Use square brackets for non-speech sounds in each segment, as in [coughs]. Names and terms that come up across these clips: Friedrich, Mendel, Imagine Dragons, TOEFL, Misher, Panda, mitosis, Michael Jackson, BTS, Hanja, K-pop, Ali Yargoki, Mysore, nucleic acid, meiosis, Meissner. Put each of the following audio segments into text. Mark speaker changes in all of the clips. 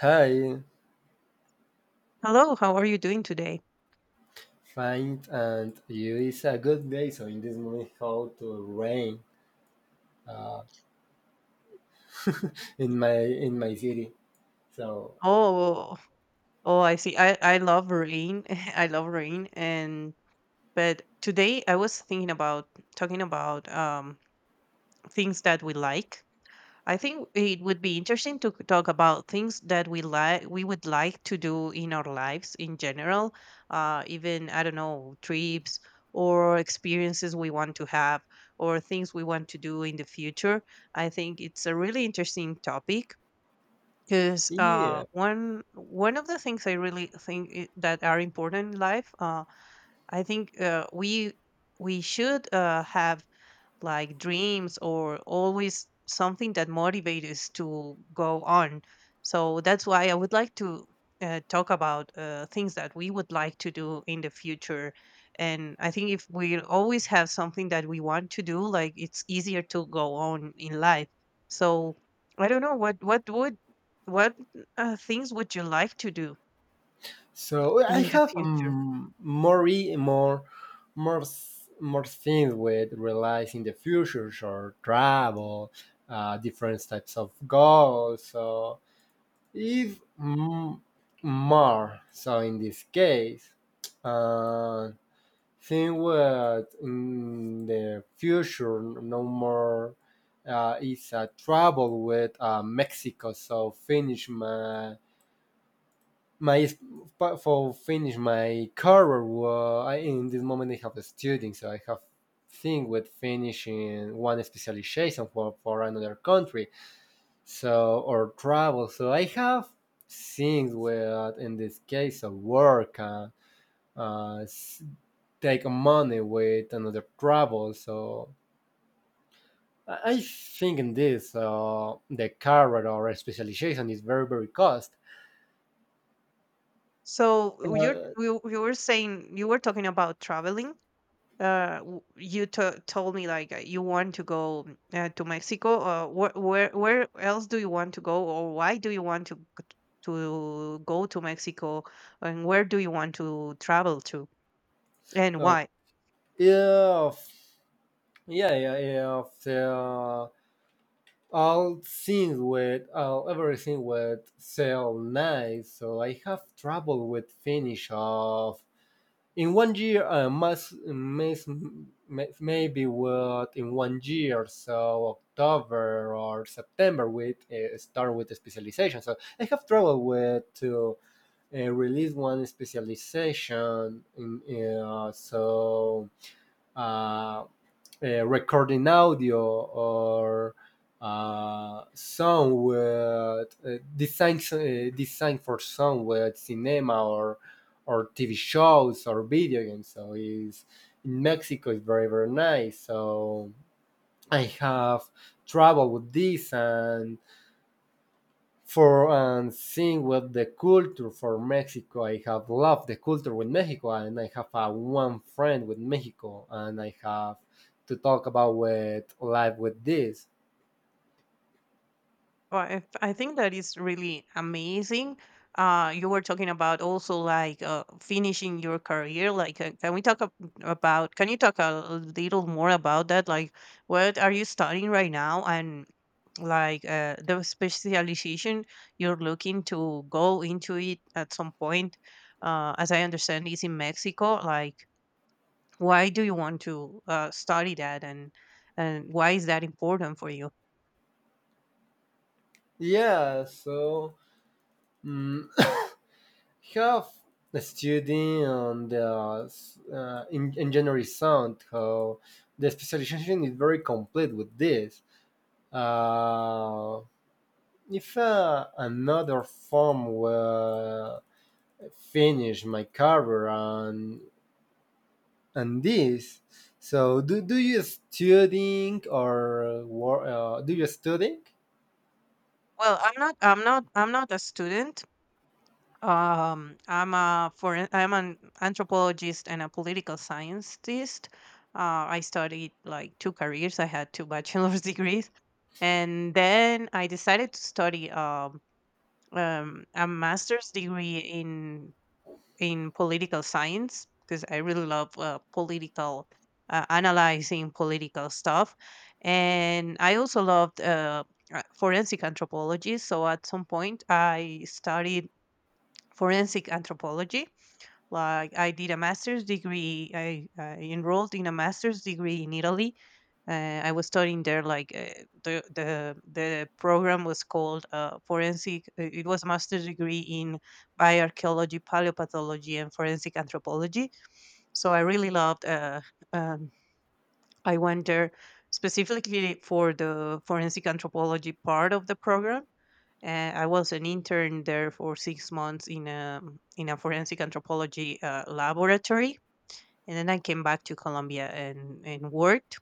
Speaker 1: Hi,
Speaker 2: Hello, how are you doing today?
Speaker 1: fine, and you? Is a good day. So in this moment, how to rain uh, [laughs] in my city. So
Speaker 2: Oh, oh, I see. I love rain. [laughs] I love rain. And but today I was thinking about talking about things that we like. I think it would be interesting to talk about things that we would like to do in our lives in general. Even I don't know, trips or experiences we want to have or things we want to do in the future. I think it's a really interesting topic, because
Speaker 1: yeah.
Speaker 2: one of the things I really that are important in life, I think we we should have like dreams or always something that motivates us to go on. So that's why I would like to talk about things that we would like to do in the future. And I think if we always have something that we want to do, like, it's easier to go on in life. So I don't know what would what things would you like to do
Speaker 1: So I
Speaker 2: in the
Speaker 1: have
Speaker 2: future.
Speaker 1: more e- more more s- more things with realizing the future or travel, different types of goals. So if more so in this case. uh, Think what in the future no more is a trouble with Mexico. So finish my for finish my career. Well, I, in this moment I have a student, so I have thing with finishing one specialization for another country. So or travel. So I have things with in this case of work. Uh, Take money with another travel. So I think in this the career or specialization is very very cost.
Speaker 2: So
Speaker 1: Uh,
Speaker 2: you were saying you were talking about traveling, you to told me like you want to go to Mexico. Where else do you want to go, or why do you want to go to Mexico and where do you want to travel to and
Speaker 1: uh,
Speaker 2: why?
Speaker 1: yeah, yeah, yeah, yeah. Of all things with all everything with sell nice. So I have trouble with finish of in one year maybe what in one year so October or September we start with the specialization so I have trouble with to release one specialization in uh, recording audio or sound with design for sound with cinema or TV shows or video games. So is in Mexico is very very nice. So I have traveled with this and for and seeing with the culture for Mexico. I have loved the culture with Mexico, and I have one friend with Mexico, and I have to talk about with life with this.
Speaker 2: Well, I think that is really amazing. You were talking about also like finishing your career. Like, can you talk a little more about that? Like, what are you studying right now and like the specialization you're looking to go into it at some point. As I understand, is in Mexico. Like, why do you want to study that, and why is that important for you?
Speaker 1: Yeah, so mm [coughs] have a study on the in engineering sound how the specialization is very complete with this. Uh, if another form were finish my career on this. So do you studying or work? Do you studying? [laughs]
Speaker 2: Well, I'm not a student. I'm an anthropologist and a political scientist. I studied like two careers. I had two bachelor's [laughs] degrees, and then I decided to study a master's degree in political science, because I really love political, analyzing political stuff, and I also loved forensic anthropology. So at some point, I studied forensic anthropology. Like, I did a master's degree. I enrolled in a master's degree in Italy. I was studying there. Like, the program was called forensic. It was a master's degree in bioarchaeology, paleopathology, and forensic anthropology. So I really loved. Um, I went there specifically for the forensic anthropology part of the program. I was an intern there for 6 months in a in a forensic anthropology laboratory, and then I came back to Colombia and worked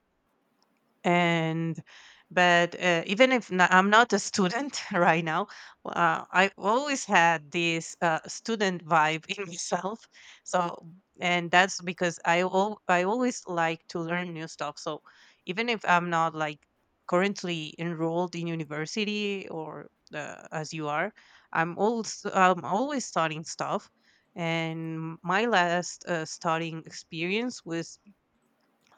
Speaker 2: and. But even if n I'm not a student [laughs] right now, I always had this student vibe in [laughs] myself. So, and that's because I always like to learn new stuff. So, even if I'm not like currently enrolled in university or as you are, I'm always studying stuff. And my last studying experience was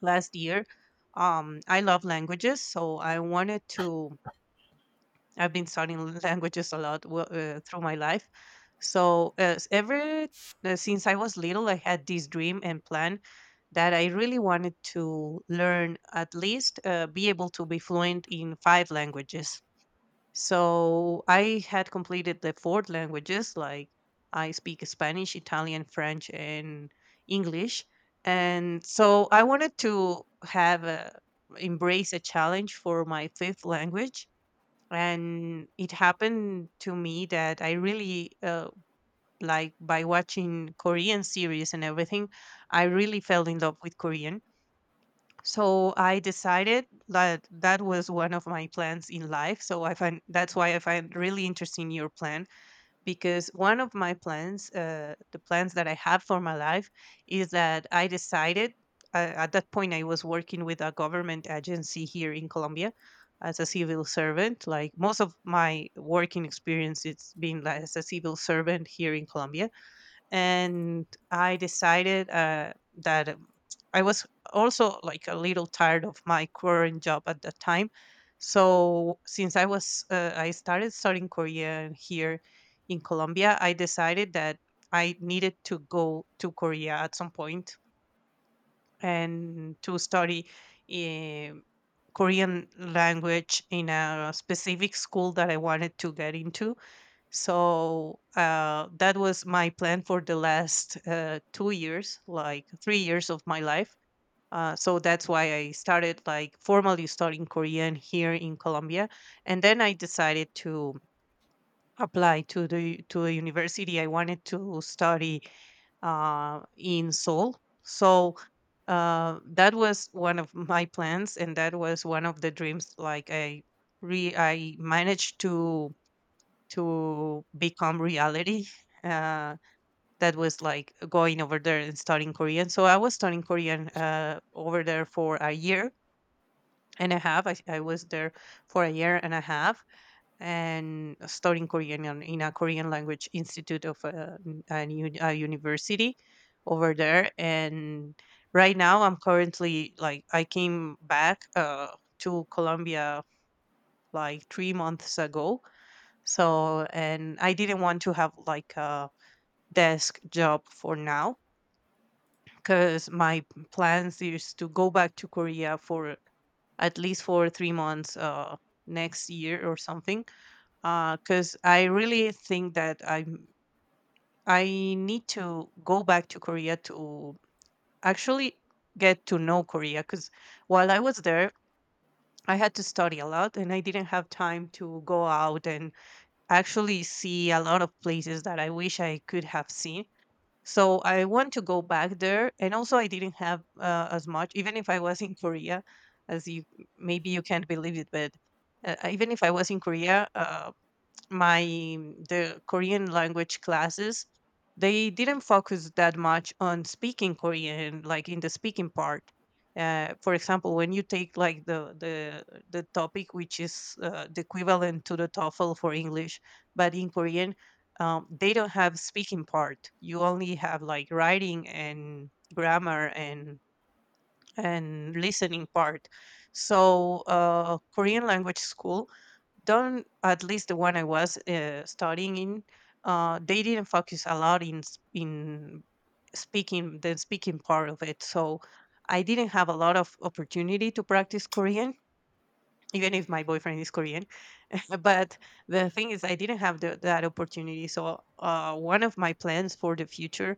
Speaker 2: last year. I love languages, so I wanted to. I've been studying [laughs] languages a lot through my life. So s- ever since I was little, I had this dream and plan that I really wanted to learn, at least be able to be fluent in five languages. So I had completed the four languages. Like, I speak Spanish, Italian, French, and English. And so I wanted to embrace a challenge for my fifth language. And it happened to me that I really like by watching Korean series and everything, I really fell in love with Korean, so I decided that that was one of my plans in life. So I find that's why I find really interesting your plan, because one of my plans, the plans that I have for my life, is that I decided. At that point, I was working with a government agency here in Colombia as a civil servant. Like, most of my working experience, it's been like as a civil servant here in Colombia, and I decided that I was also like a little tired of my current job at that time. So since I was I started studying Korean here in Colombia, I decided that I needed to go to Korea at some point and to study um Korean language in a specific school that I wanted to get into. So that was my plan for the last 2 years, like 3 years of my life. So that's why I started like formally studying Korean here in Colombia, and then I decided to apply to the to a university I wanted to study in Seoul. So that was one of my plans, and that was one of the dreams. Like, I managed to become reality. Uh, that was like going over there and studying Korean. So I was studying Korean over there for a year and a half. I was there for a year and a half and studying Korean in a Korean language institute of a university over there. And right now I'm currently like, I came back to Colombia like 3 months ago. So, and I didn't want to have like a desk job for now, because my plans is to go back to Korea for at least for 3 months next year or something. Because I really think that I need to go back to Korea to actually get to know Korea. Because while I was there, I had to study a lot and I didn't have time to go out and actually see a lot of places that I wish I could have seen. So I want to go back there. And also, I didn't have as much, even if I was in Korea, as you, maybe you can't believe it, but even if I was in Korea, my, the Korean language classes, they didn't focus that much on speaking Korean, like in the speaking part. For example, when you take like the topic, which is the equivalent to the TOEFL for English, but in Korean, they don't have speaking part. You only have like writing and grammar and listening part. So Korean language school don't, at least the one I was studying in, they didn't focus a lot in speaking, the speaking part of it. So I didn't have a lot of opportunity to practice Korean, even if my boyfriend is Korean. [laughs] But the thing is, I didn't have that opportunity. So one of my plans for the future,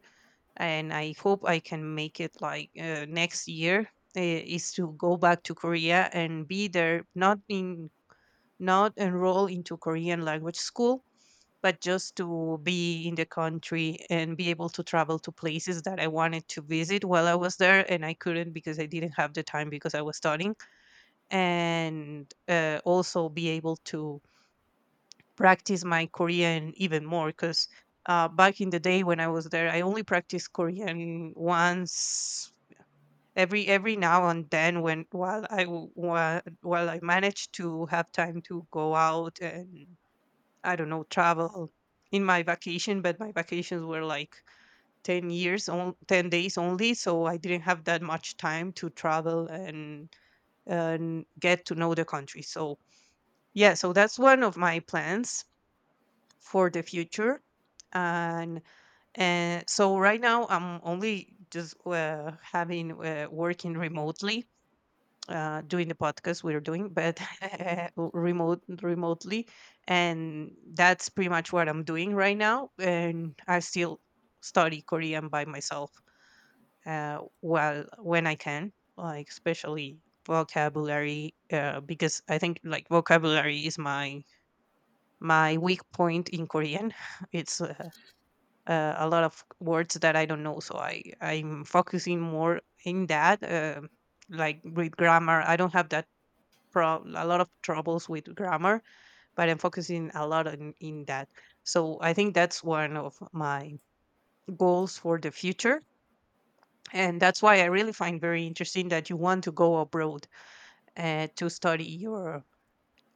Speaker 2: and I hope I can make it like next year. Is to go back to Korea and be there, not in, not enroll into Korean language school, but just to be in the country and be able to travel to places that I wanted to visit while I was there. And I couldn't because I didn't have the time because I was studying. And also be able to practice my Korean even more, because back in the day when I was there, I only practiced Korean once, every now and then when, while I managed to have time to go out and I don't know, travel in my vacation, but my vacations were like 10 years, on, 10 days only. So I didn't have that much time to travel and get to know the country. So, yeah, so that's one of my plans for the future. And, and so right now I'm only just having working remotely, doing the podcast we are doing, but [laughs] remotely, and that's pretty much what I'm doing right now. And I still study Korean by myself, while when I can, like especially vocabulary, because I think like vocabulary is my my weak point in Korean. [laughs] It's a lot of words that I don't know, so I'm focusing more in that. Like with grammar, I don't have that prob a lot of troubles with grammar, but I'm focusing a lot on in that. So I think that's one of my goals for the future. And that's why I really find very interesting that you want to go abroad to study your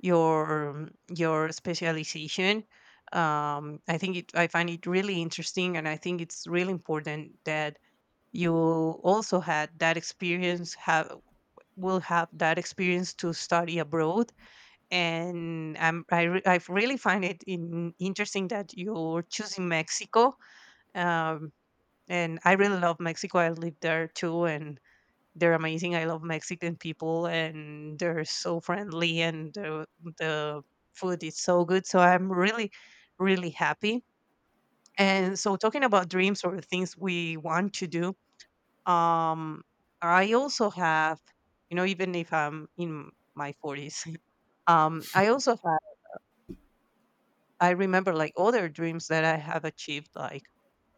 Speaker 2: your specialization. I think I find it really interesting, and I think it's really important that you also had that experience have will have that experience to study abroad, and I really find it interesting that you're choosing Mexico. Um, and I really love Mexico. I lived there too, and they're amazing. I love Mexican people, and they're so friendly, and the food is so good. So I'm really, really happy. And so, talking about dreams or things we want to do, um, I also have, you know, even if I'm in my 40s. [laughs] I also I remember like other dreams that I have achieved, like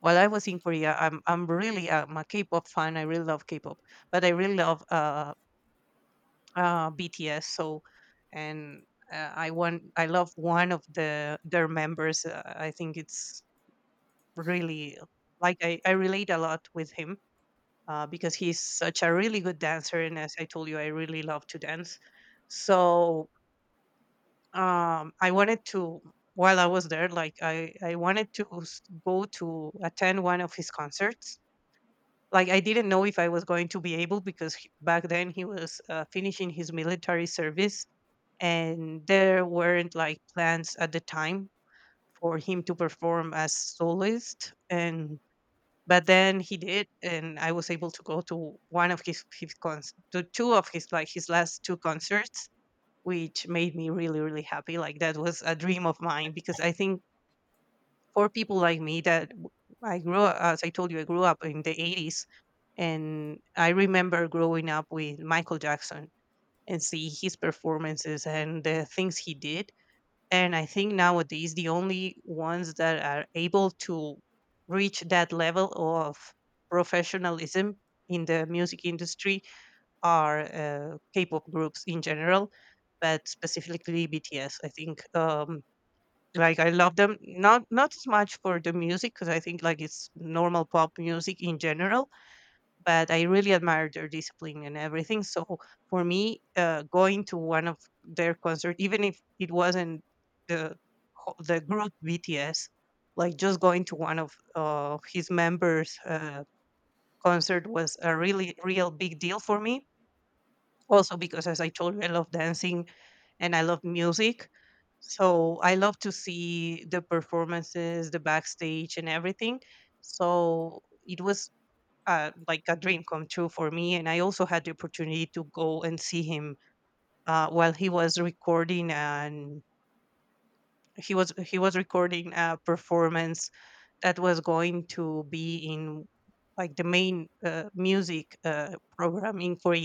Speaker 2: while I was in Korea. I'm really I'm a K-pop fan. I really love K-pop, but I really love BTS. So, and I want I love one of the their members. I think it's really like I relate a lot with him because he's such a really good dancer, and as I told you, I really love to dance. So I wanted to while I was there like i wanted to go to attend one of his concerts. Like I didn't know if I was going to be able because back then he was finishing his military service, and there weren't like plans at the time for him to perform as soloist. And but then he did, and I was able to go to one of his cons to two of his like his last two concerts, which made me really really happy. Like that was a dream of mine because I think for people like me I grew up, as I told you, I grew up in the 80s, and I remember growing up with Michael Jackson and see his performances and the things he did. And I think nowadays the only ones that are able to reach that level of professionalism in the music industry are K-pop groups in general, but specifically BTS. I think like I love them not as much for the music because I think like it's normal pop music in general, but I really admire their discipline and everything. So for me, going to one of their concert, even if it wasn't the the group BTS, like just going to one of his members' concert was a real big deal for me also, because as I told you, I love dancing and I love music. So I love to see the performances, the backstage, and everything. So it was like a dream come true for me. And I also had the opportunity to go and see him while he was recording, and he was recording a performance that was going to be in like the main music programming for.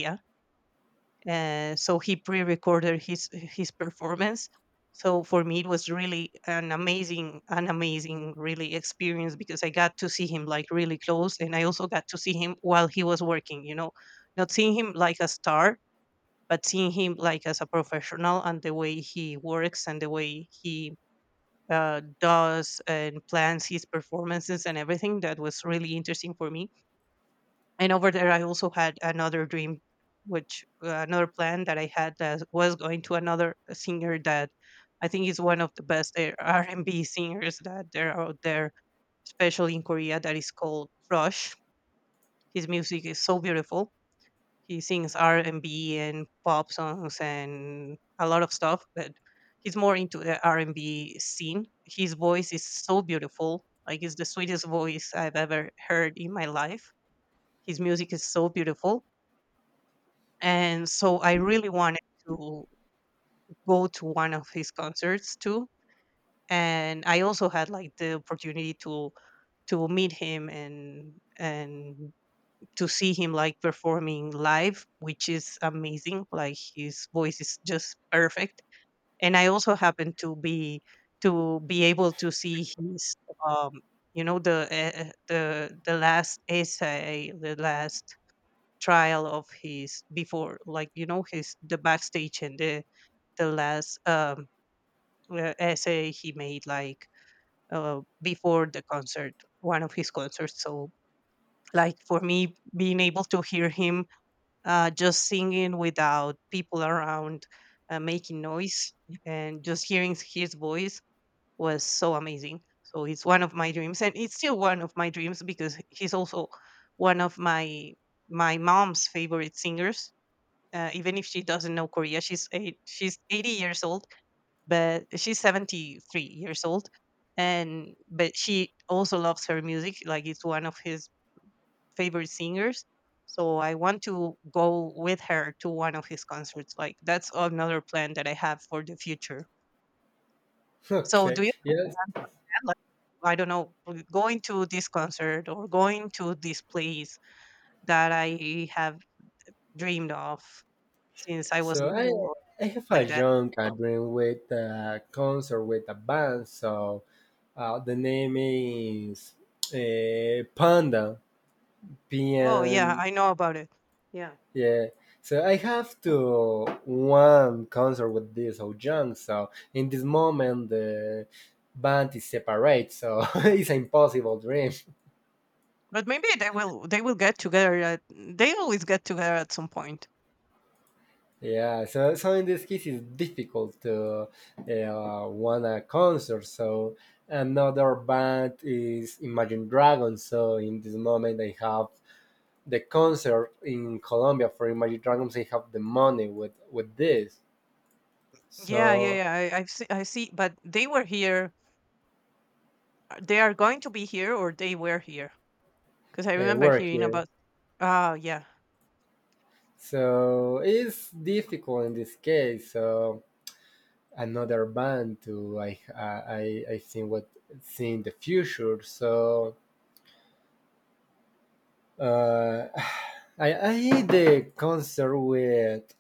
Speaker 2: So he pre-recorded his performance. So for me, it was really an amazing, really experience because I got to see him like really close, and I also got to see him while he was working. You know, not seeing him like a star, but seeing him like as a professional and the way he works and the way he does and plans his performances and everything. That was really interesting for me. And over there I also had another dream, which another plan that I had, that was going to another singer that I think is one of the best r&b singers that there are out there, especially in Korea, that is called Rush. His music is so beautiful. He sings r&b and B and pop songs and a lot of stuff, but he's more into the r&b scene. His voice is so beautiful, like it's the sweetest voice I've ever heard in my life. His music is so beautiful. And so I really wanted to go to one of his concerts too. And I also had like the opportunity to meet him and to see him like performing live, which is amazing. Like his voice is just perfect. And I also happened to be able to see his um you know the the last essay, the last trial of his before, like, you know, his the backstage and the last essay he made like before the concert, one of his concerts. So like for me, being able to hear him just singing without people around, making noise and just hearing his voice was so amazing. So it's one of my dreams, and it's still one of my dreams because he's also one of my mom's favorite singers, even if she doesn't know Korea. She's 80 years old, but she's 73 years old, and but she also loves her music. Like it's one of his favorite singers. So I want to go with her to one of his concerts. Like that's another plan that I have for the future. So do
Speaker 1: Okay.
Speaker 2: you
Speaker 1: Yes.
Speaker 2: have that? Like, I don't know, going to this concert or going to this place that I have dreamed of since I was
Speaker 1: So I
Speaker 2: little, or
Speaker 1: I have a
Speaker 2: like that.
Speaker 1: young dream with a concert with a band. So the name is Panda. P
Speaker 2: Oh yeah,
Speaker 1: N.
Speaker 2: I know about it. Yeah,
Speaker 1: Yeah, so I have to one concert with this Ho Jung. So in this moment, the band is separate, so [laughs] it's an impossible dream.
Speaker 2: but maybe they will. They will get together. At, they always get together at some point.
Speaker 1: Yeah, so in this case, it's difficult to won a concert. So another band is Imagine Dragons. So in this moment, I have the concert in Colombia for Imagine Dragons. I have the money with this.
Speaker 2: Yeah, yeah,
Speaker 1: So
Speaker 2: yeah. I see. I see. But they were here. They are going to be here, or they were here. Because I remember
Speaker 1: we're
Speaker 2: hearing
Speaker 1: here.
Speaker 2: about. Oh yeah.
Speaker 1: So it's difficult in this case. So another band to I think what see in the future. So uh, [sighs] I did the concert with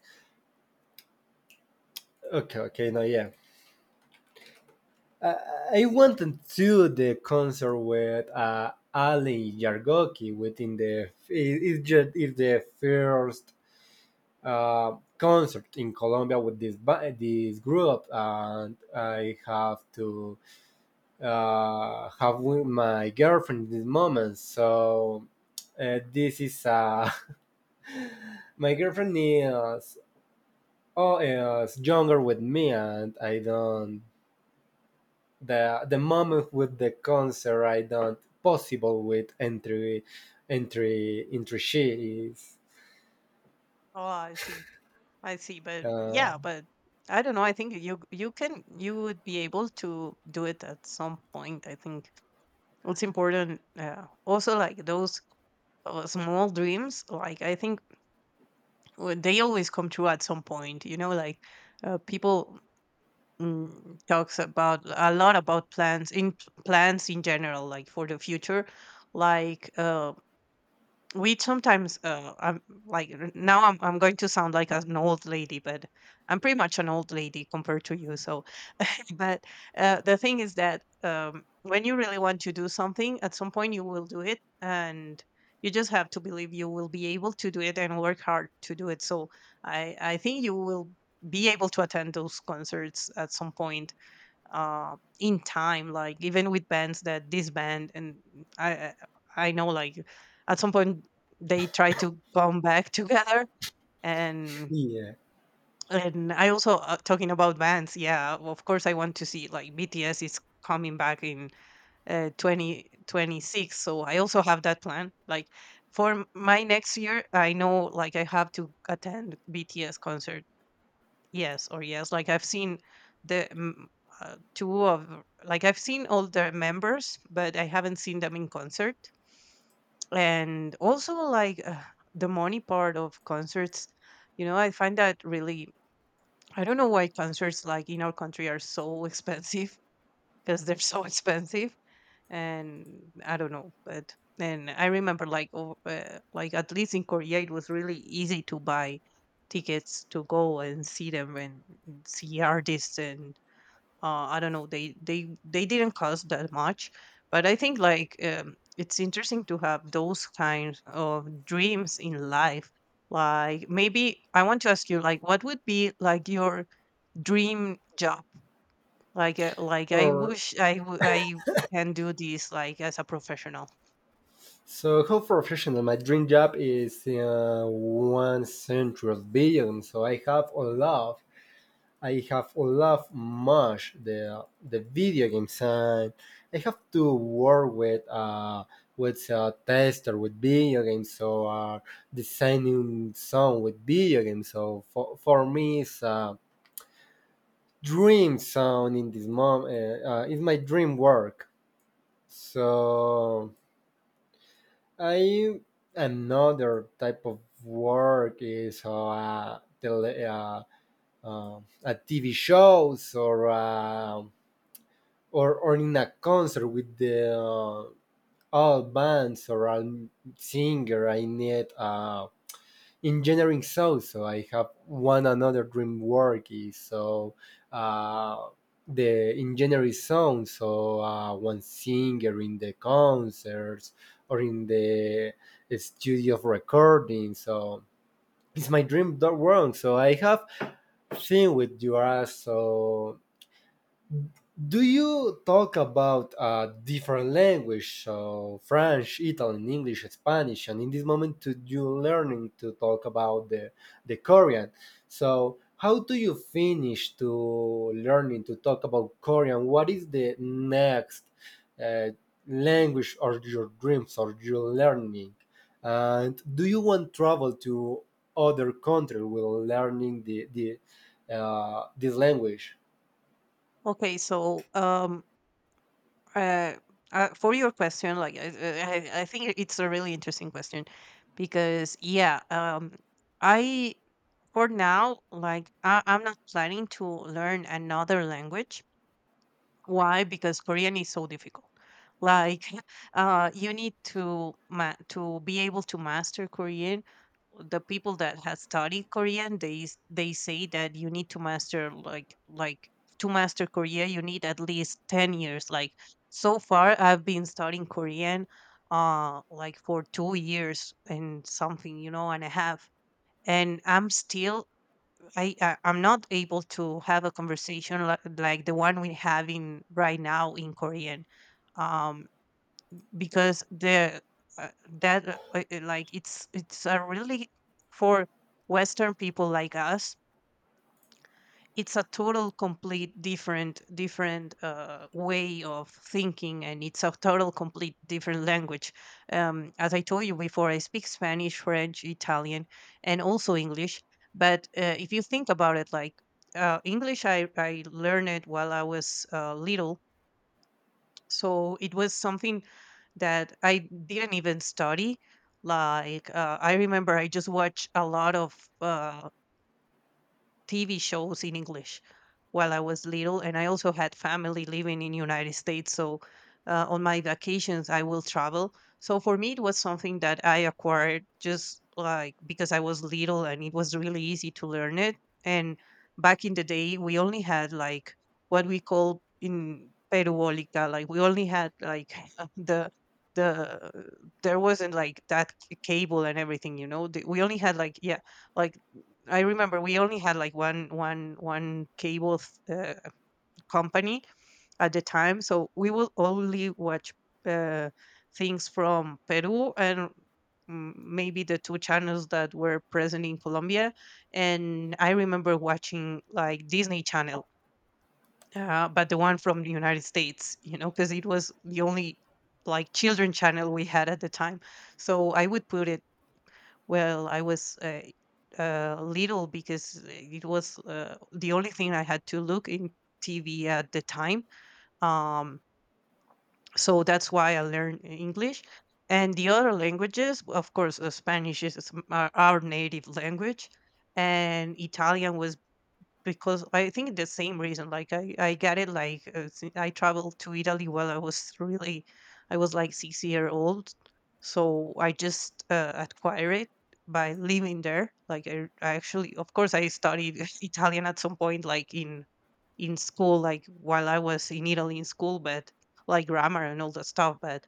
Speaker 1: okay okay no yeah I, I wanted to the concert with Ali Yargoki within the it's just it's the first concert in Colombia with this group and I have to have with my girlfriend in this moment. So this is [laughs] my girlfriend is younger with me, and I don't the moment with the concert I don't possible with entry she is
Speaker 2: Oh, I see. I see, but
Speaker 1: uh,
Speaker 2: yeah, but I don't know. I think you would be able to do it at some point. I think it's important. Also, like those small dreams, like I think they always come true at some point. You know, like people talks about a lot about plans in general, like for the future, like. We sometimes I'm like now I'm going to sound like an old lady, but I'm pretty much an old lady compared to you. So [laughs] but the thing is that when you really want to do something, at some point you will do it, and you just have to believe you will be able to do it and work hard to do it. So i think you will be able to attend those concerts at some point in time. Like even with bands that disband. And I I know like at some point they try to come back [laughs] together and.
Speaker 1: yeah
Speaker 2: And I also talking about bands, yeah. Of course, I want to see like BTS is coming back in 2026, so I also have that plan. Like for my next year, I know like I have to attend BTS concert. Yes, or yes, like I've seen the mm, two of like I've seen all the members, but I haven't seen them in concert. And also like the money part of concerts, you know, I find that really I don't know why concerts like in our country are so [laughs] expensive because they're so expensive, and I don't know, but and I remember like like at least in Korea it was really easy to buy tickets to go and see them and see artists, and I don't know, they they didn't cost that much, but I think like it's interesting to have those kinds of dreams in life. Like maybe I want to ask you like what would be like your dream job, like I
Speaker 1: or
Speaker 2: wish I can do this like as a professional.
Speaker 1: so how professional my dream job is one central billion so I have a lot I have loved much the video game side. I have to work with a tester with video games, so designing sound with video games. So for me, it's a dream sound in this moment. It's my dream work. So I another type of work is uh, TV shows or in a concert with the all bands or all singer I need engineering so I have one another dream work is so uh the engineering sound so one singer in the concerts or in the studio of recording so it's my dream that work so I have seen with you are so. Do you talk about different language, so French, Italian, English, Spanish, and in this moment to, you're learning to talk about the Korean. So how do you finish to learning to talk about Korean? What is the next uh, language or your dreams or your learning? And do you want travel to other country while learning the this language?
Speaker 2: Okay, so uh, for your question, like I think it's a really interesting question because yeah, I for now like I'm not planning to learn another language. Why? Because Korean is so difficult. Like, [laughs] you need to be able to master Korean. The people that have studied Korean, they say that you need to master like to master Korea, you need at least 10 years. Like so far, I've been studying Korean, like for two years and something, you know, and a half, and I'm still I'm not able to have a conversation like the one we're having right now in Korean, um, because the uh, that like it's a really for Western people like us, it's a total complete different way of thinking, and it's a total complete different language. As I told you before, I speak Spanish, French, Italian, and also English. But if you think about it, like english I learned it while I was little, so it was something that I didn't even study. Like I remember I just watched a lot of uh, TV shows in English while I was little, and I also had family living in United States. So on my vacations, I will travel. So for me, it was something that I acquired just like because I was little, and it was really easy to learn it. And back in the day, we only had like what we call in Peruolica, like we only had like [laughs] the the there wasn't like that cable and everything. We only had like, yeah, like I remember we only had like one cable uh, company at the time, so we would only watch uh, things from Peru and maybe the two channels that were present in Colombia. And I remember watching like Disney Channel, but the one from the United States, you know, because it was the only like children channel we had at the time. So I would put it, well, I was little because it was the only thing I had to look in TV at the time. Um, so that's why I learned English. And the other languages, of course, Spanish is our native language, and Italian was because I think the same reason. Like, I get it. Like I traveled to Italy while I was really, I was like 6 year old, so I just acquired it by living there. Like I actually, of course, I studied [laughs] Italian at some point, like in school, like while I was in Italy in school, but like grammar and all that stuff. But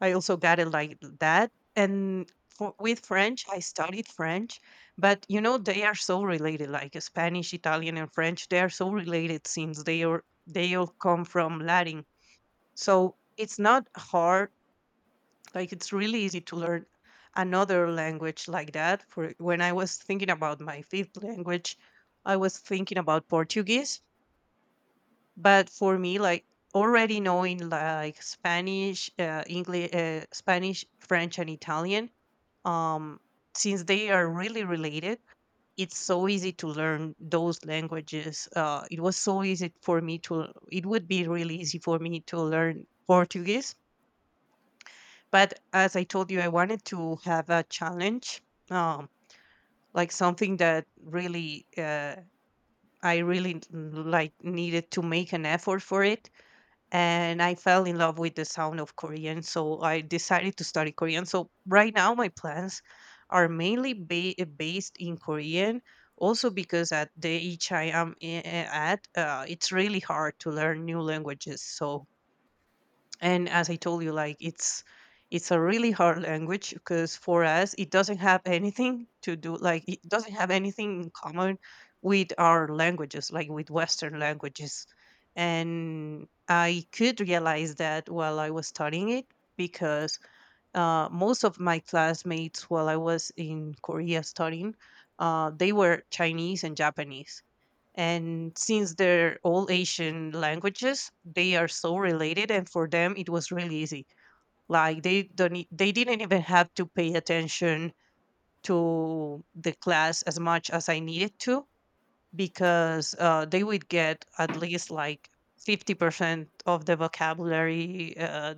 Speaker 2: I also got it like that. And for, with French, I studied French, but you know they are so related, like Spanish, Italian, and French. They are so related since they all come from Latin. So it's not hard. Like, it's really easy to learn another language like that. For when I was thinking about my fifth language, I was thinking about Portuguese, but for me, like, already knowing like Spanish, english Spanish, French, and Italian, um since they are really related, it's so easy to learn those languages. It was so easy for me to it would be really easy for me to learn Portuguese, but as I told you, I wanted to have a challenge. Um like something that really, I really like needed to make an effort for. It and I fell in love with the sound of Korean. So I decided to study Korean. So right now, my plans are mainly based in Korean. Also, because at the age I am at, it's really hard to learn new languages. So, and as I told you, like, it's a really hard language because for us it doesn't have anything to do, like it doesn't have anything in common with our languages, like with Western languages. And I could realize that while I was studying it, because most of my classmates while I was in Korea studying, they were Chinese and Japanese. And since they're all Asian languages, they are so related, and for them it was really easy. Like they don't e- they didn't even have to pay attention to the class as much as I needed to, because they would get at least like 50% of the vocabulary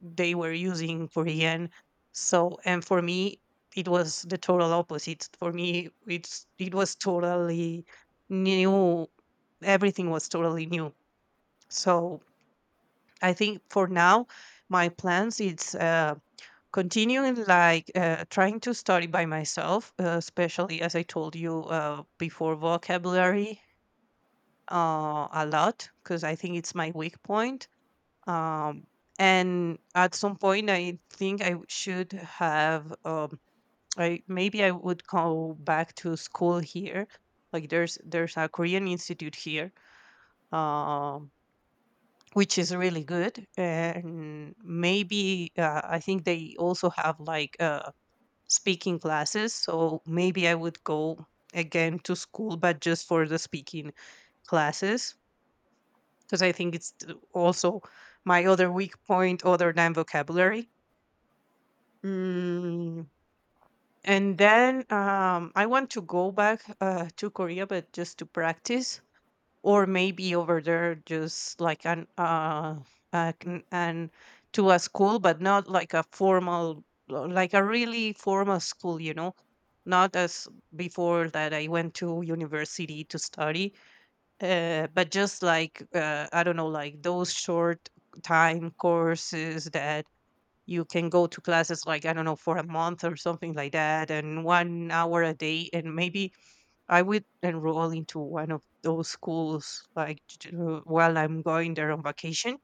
Speaker 2: they were using Korean. So, and for me, it was the total opposite. For me, it was totally new. Everything was totally new. So, I think for now, my plans it's continuing like, trying to study by myself, especially as I told you before, vocabulary a lot, because I think it's my weak point. Um, and at some point I think I should have, I maybe I would go back to school here, like there's a Korean institute here, um, which is really good. And maybe, I think they also have like speaking classes, so maybe I would go again to school, but just for the speaking classes, because I think it's also my other weak point, other than vocabulary. Mm, and then, I want to go back to Korea, but just to practice, or maybe over there, just like an and to a school, but not like a formal, like a really formal school, you know, not as before, that I went to university to study, but just like, I don't know, like those short time courses that you can go to classes, like, I don't know, for a month or something like that, and 1 hour a day. And maybe I would enroll into one of those schools like while I'm going there on vacation,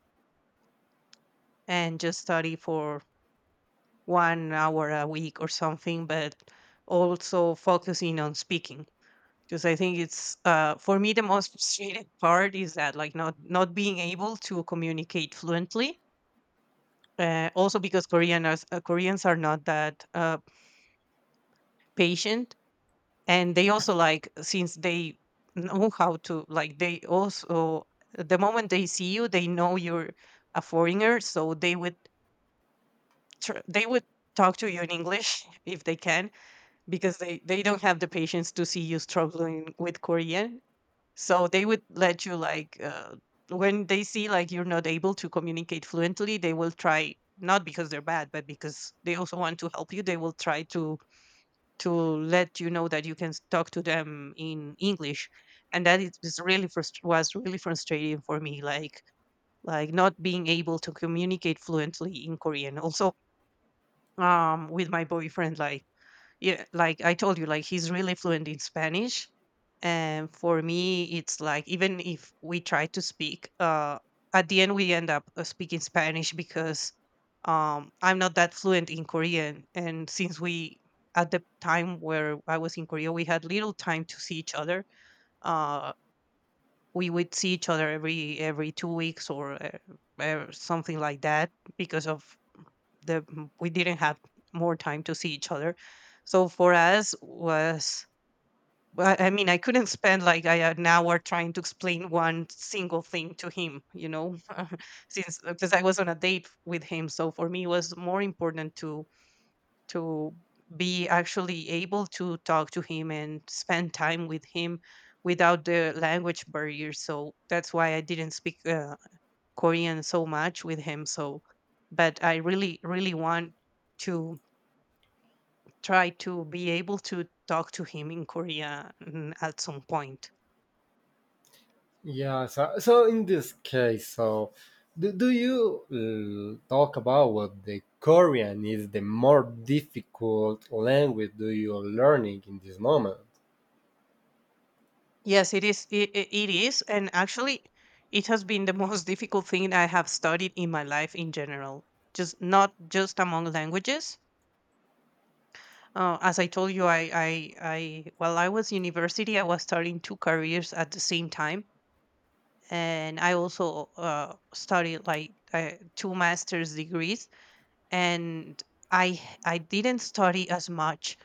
Speaker 2: and just study for 1 hour a week or something, but also focusing on speaking, because I think it's, for me the most [laughs] frustrating part is that, like, not being able to communicate fluently. Also because Koreans are not that patient, and they also, like, since they know how to, like, they also, the moment they see you, they know you're a foreigner, so they would they would talk to you in English [laughs] if they can, because they don't have the patience to see you struggling with Korean. So they would let you, like, when they see like you're not able to communicate fluently, they will try, not because they're bad, but because they also want to help you, they will try to let you know that you can talk to them in English. And that, it was really was really frustrating for me, like not being able to communicate fluently in Korean. Also, with my boyfriend, like, yeah, like I told you, like, he's really fluent in Spanish, and for me it's like, even if we try to speak, at the end we end up speaking Spanish, because I'm not that fluent in Korean. And since we, at the time where I was in Korea, we had little time to see each other, uh we would see each other every 2 weeks or something like that, because of we didn't have more time to see each other. So for us, was, well, I mean, I couldn't spend like, I, an hour trying to explain one single thing to him, you know. [laughs] Since, because I was on a date with him, so for me it was more important to to be actually able to talk to him and spend time with him without the language barrier. So that's why I didn't speak Korean so much with him. So but I really really want to try to be able to talk to him in Korea, at some point.
Speaker 1: Yeah, so in this case, so do you talk about what the Korean is the more difficult language do you learning in this moment?
Speaker 2: Yes, it is. It is, and actually, it has been the most [laughs] difficult thing I have studied in my life in general. Just, not just among languages. As I told you, while I was university, I was starting two careers at the same time, and I also studied like two master's degrees, and I, I didn't study as much.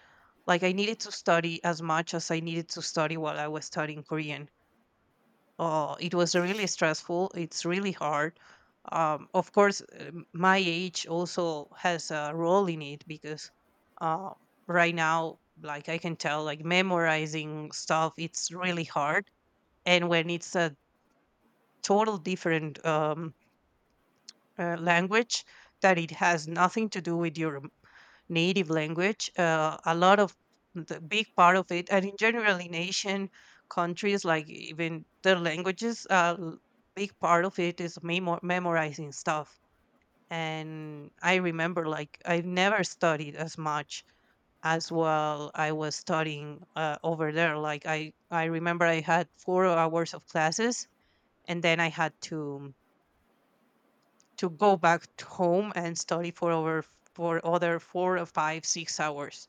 Speaker 2: Like, I needed to study as much as I needed to study while I was studying Korean. Oh, it was really stressful. It's really hard. Of course, my age also has a role in it, because uh, right now, like, I can tell, like, memorizing stuff, it's really hard. And when it's a total different language that it has nothing to do with your native language. A lot of the big part of it, and in general, in Asian countries, like, even their languages, big part of it is memorizing stuff. And I remember, like, I never studied as much as while I was studying over there. Like, I remember I had 4 hours of classes, and then I had to go back to home and study for over for other 4 or 5 6 hours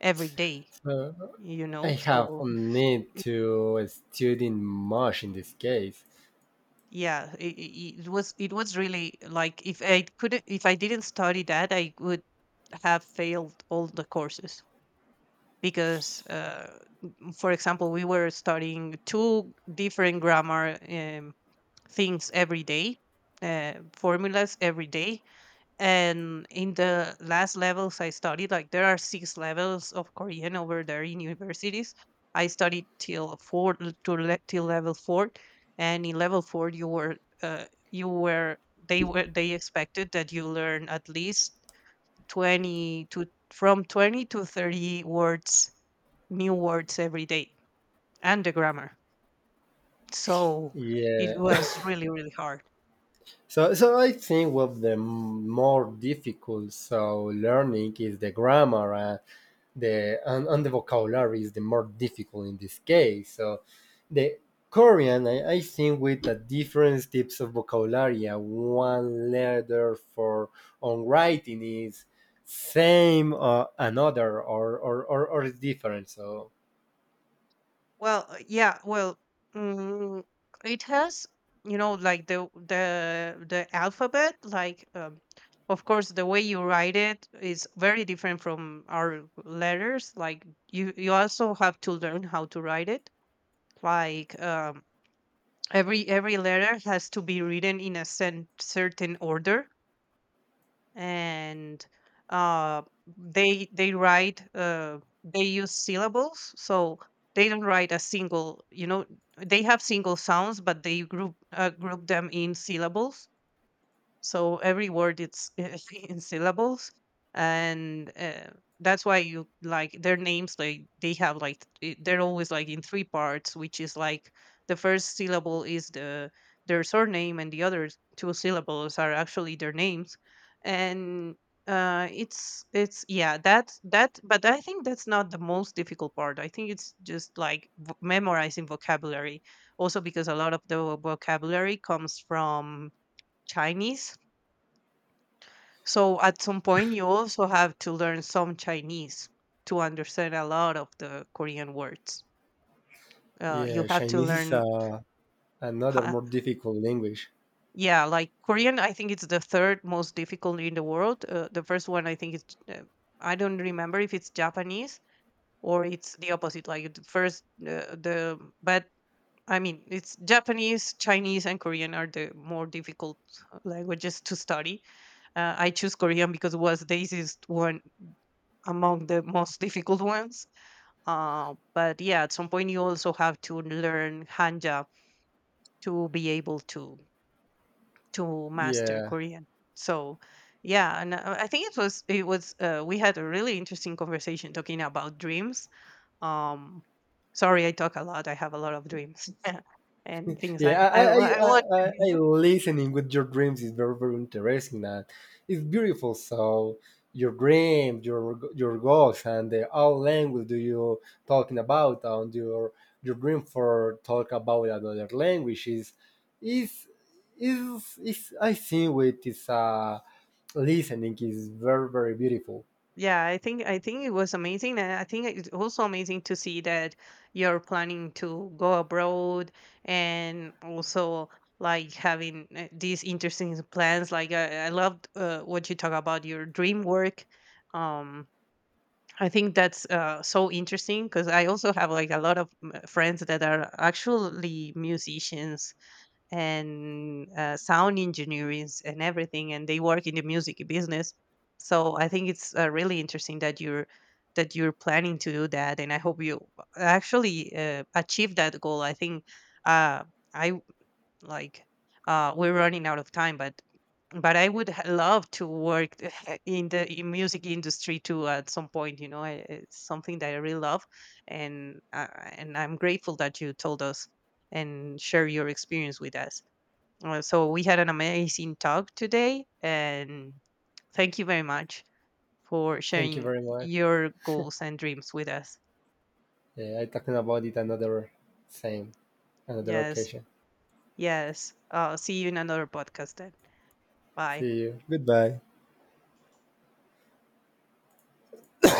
Speaker 2: every day,
Speaker 1: So
Speaker 2: you
Speaker 1: I
Speaker 2: know.
Speaker 1: have
Speaker 2: So
Speaker 1: a need to study much in this case.
Speaker 2: yeah, it was, it was really, like, if I couldn't, if I didn't study that, I would have failed all the courses, because for example, we were studying two different grammar, things every day, formulas every day. And in the last levels I studied, like, there are six levels of Korean over there in universities. I studied till four till level four, and in level four you were, uh, you were they were, they expected that you learn at least twenty to from 20 to 30 words, new words every day, and the grammar. So it
Speaker 1: Yeah,
Speaker 2: was really really hard.
Speaker 1: so I think what the more difficult so learning is the grammar and the vocabulary is the more difficult in this case. So the Korean, I think with the different types of vocabulary, one letter for on writing is same or another or is different. So
Speaker 2: Well, yeah, well, mm, it has, you know, like the alphabet, like, of course, the way you write it is very different from our letters. Like, you also have to learn how to write it. Like, every letter has to be written in a sen certain order, and, uh, they write they use syllables. So they don't write a single, you know, they have single sounds, but they group, group them in syllables. So every word, it's [laughs] in syllables. And, that's why you, like, their names, like, they have like they're always like in three parts, which is like the first syllable is the their surname, and the other two syllables are actually their names. And it's, yeah, that that, but I think that's not the most difficult part. I think it's just like, memorizing vocabulary. Also because a lot of the vocabulary comes from Chinese, so at some point, you also have to learn some Chinese to understand a lot of the Korean words. You
Speaker 1: yeah,
Speaker 2: have to
Speaker 1: Chinese is
Speaker 2: learn,
Speaker 1: another
Speaker 2: ha-
Speaker 1: more difficult language.
Speaker 2: yeah, like Korean, I think, it's the third most difficult in the world. The first one, I think, is, I don't remember if it's Japanese, or it's the opposite. Like the first, the, but I mean, it's Japanese, Chinese, and Korean are the more difficult languages to study. I choose Korean because it was the easiest one among the most difficult ones. But yeah, at some point you also have to learn Hanja to be able to master
Speaker 1: Yeah.
Speaker 2: Korean. So yeah, and, I think it was, it was, we had a really interesting conversation talking about dreams. Um, sorry, I talk a lot. I have a lot of dreams [laughs] and things
Speaker 1: Yeah, I, I,
Speaker 2: I
Speaker 1: I,
Speaker 2: want
Speaker 1: I,
Speaker 2: to
Speaker 1: I I-
Speaker 2: do.
Speaker 1: listening with your dreams is very, very interesting. And it's beautiful. So your dream, your goals, and the all language do you talking about, and your dream for talk about another language is is I think with this listening is very, very beautiful.
Speaker 2: Yeah, I think, I think it was amazing. And I think it's also amazing to see that you're planning to go abroad, and also like having, these interesting plans. Like, I loved what you talk about your dream work. Um, I think that's, so interesting, because I also have like a lot of, friends that are actually musicians and, sound engineers and everything, and they work in the music business. So I think it's, really interesting that you're planning to do that, and I hope you actually, achieve that goal. I think, uh, I w- like we're running out of time, but I would love to work [laughs] in the, in music industry too at some point, you know, I, it's something that I really love. And, and I'm grateful that you told us and share your experience with us. Uh, so we had an amazing talk today, and thank you very much for
Speaker 1: Thank you
Speaker 2: sharing
Speaker 1: very much.
Speaker 2: your goals and dreams with us.
Speaker 1: Yeah, I talking about it another same another
Speaker 2: Yes,
Speaker 1: occasion.
Speaker 2: yes. See you in another podcast then. Bye.
Speaker 1: See you. Goodbye.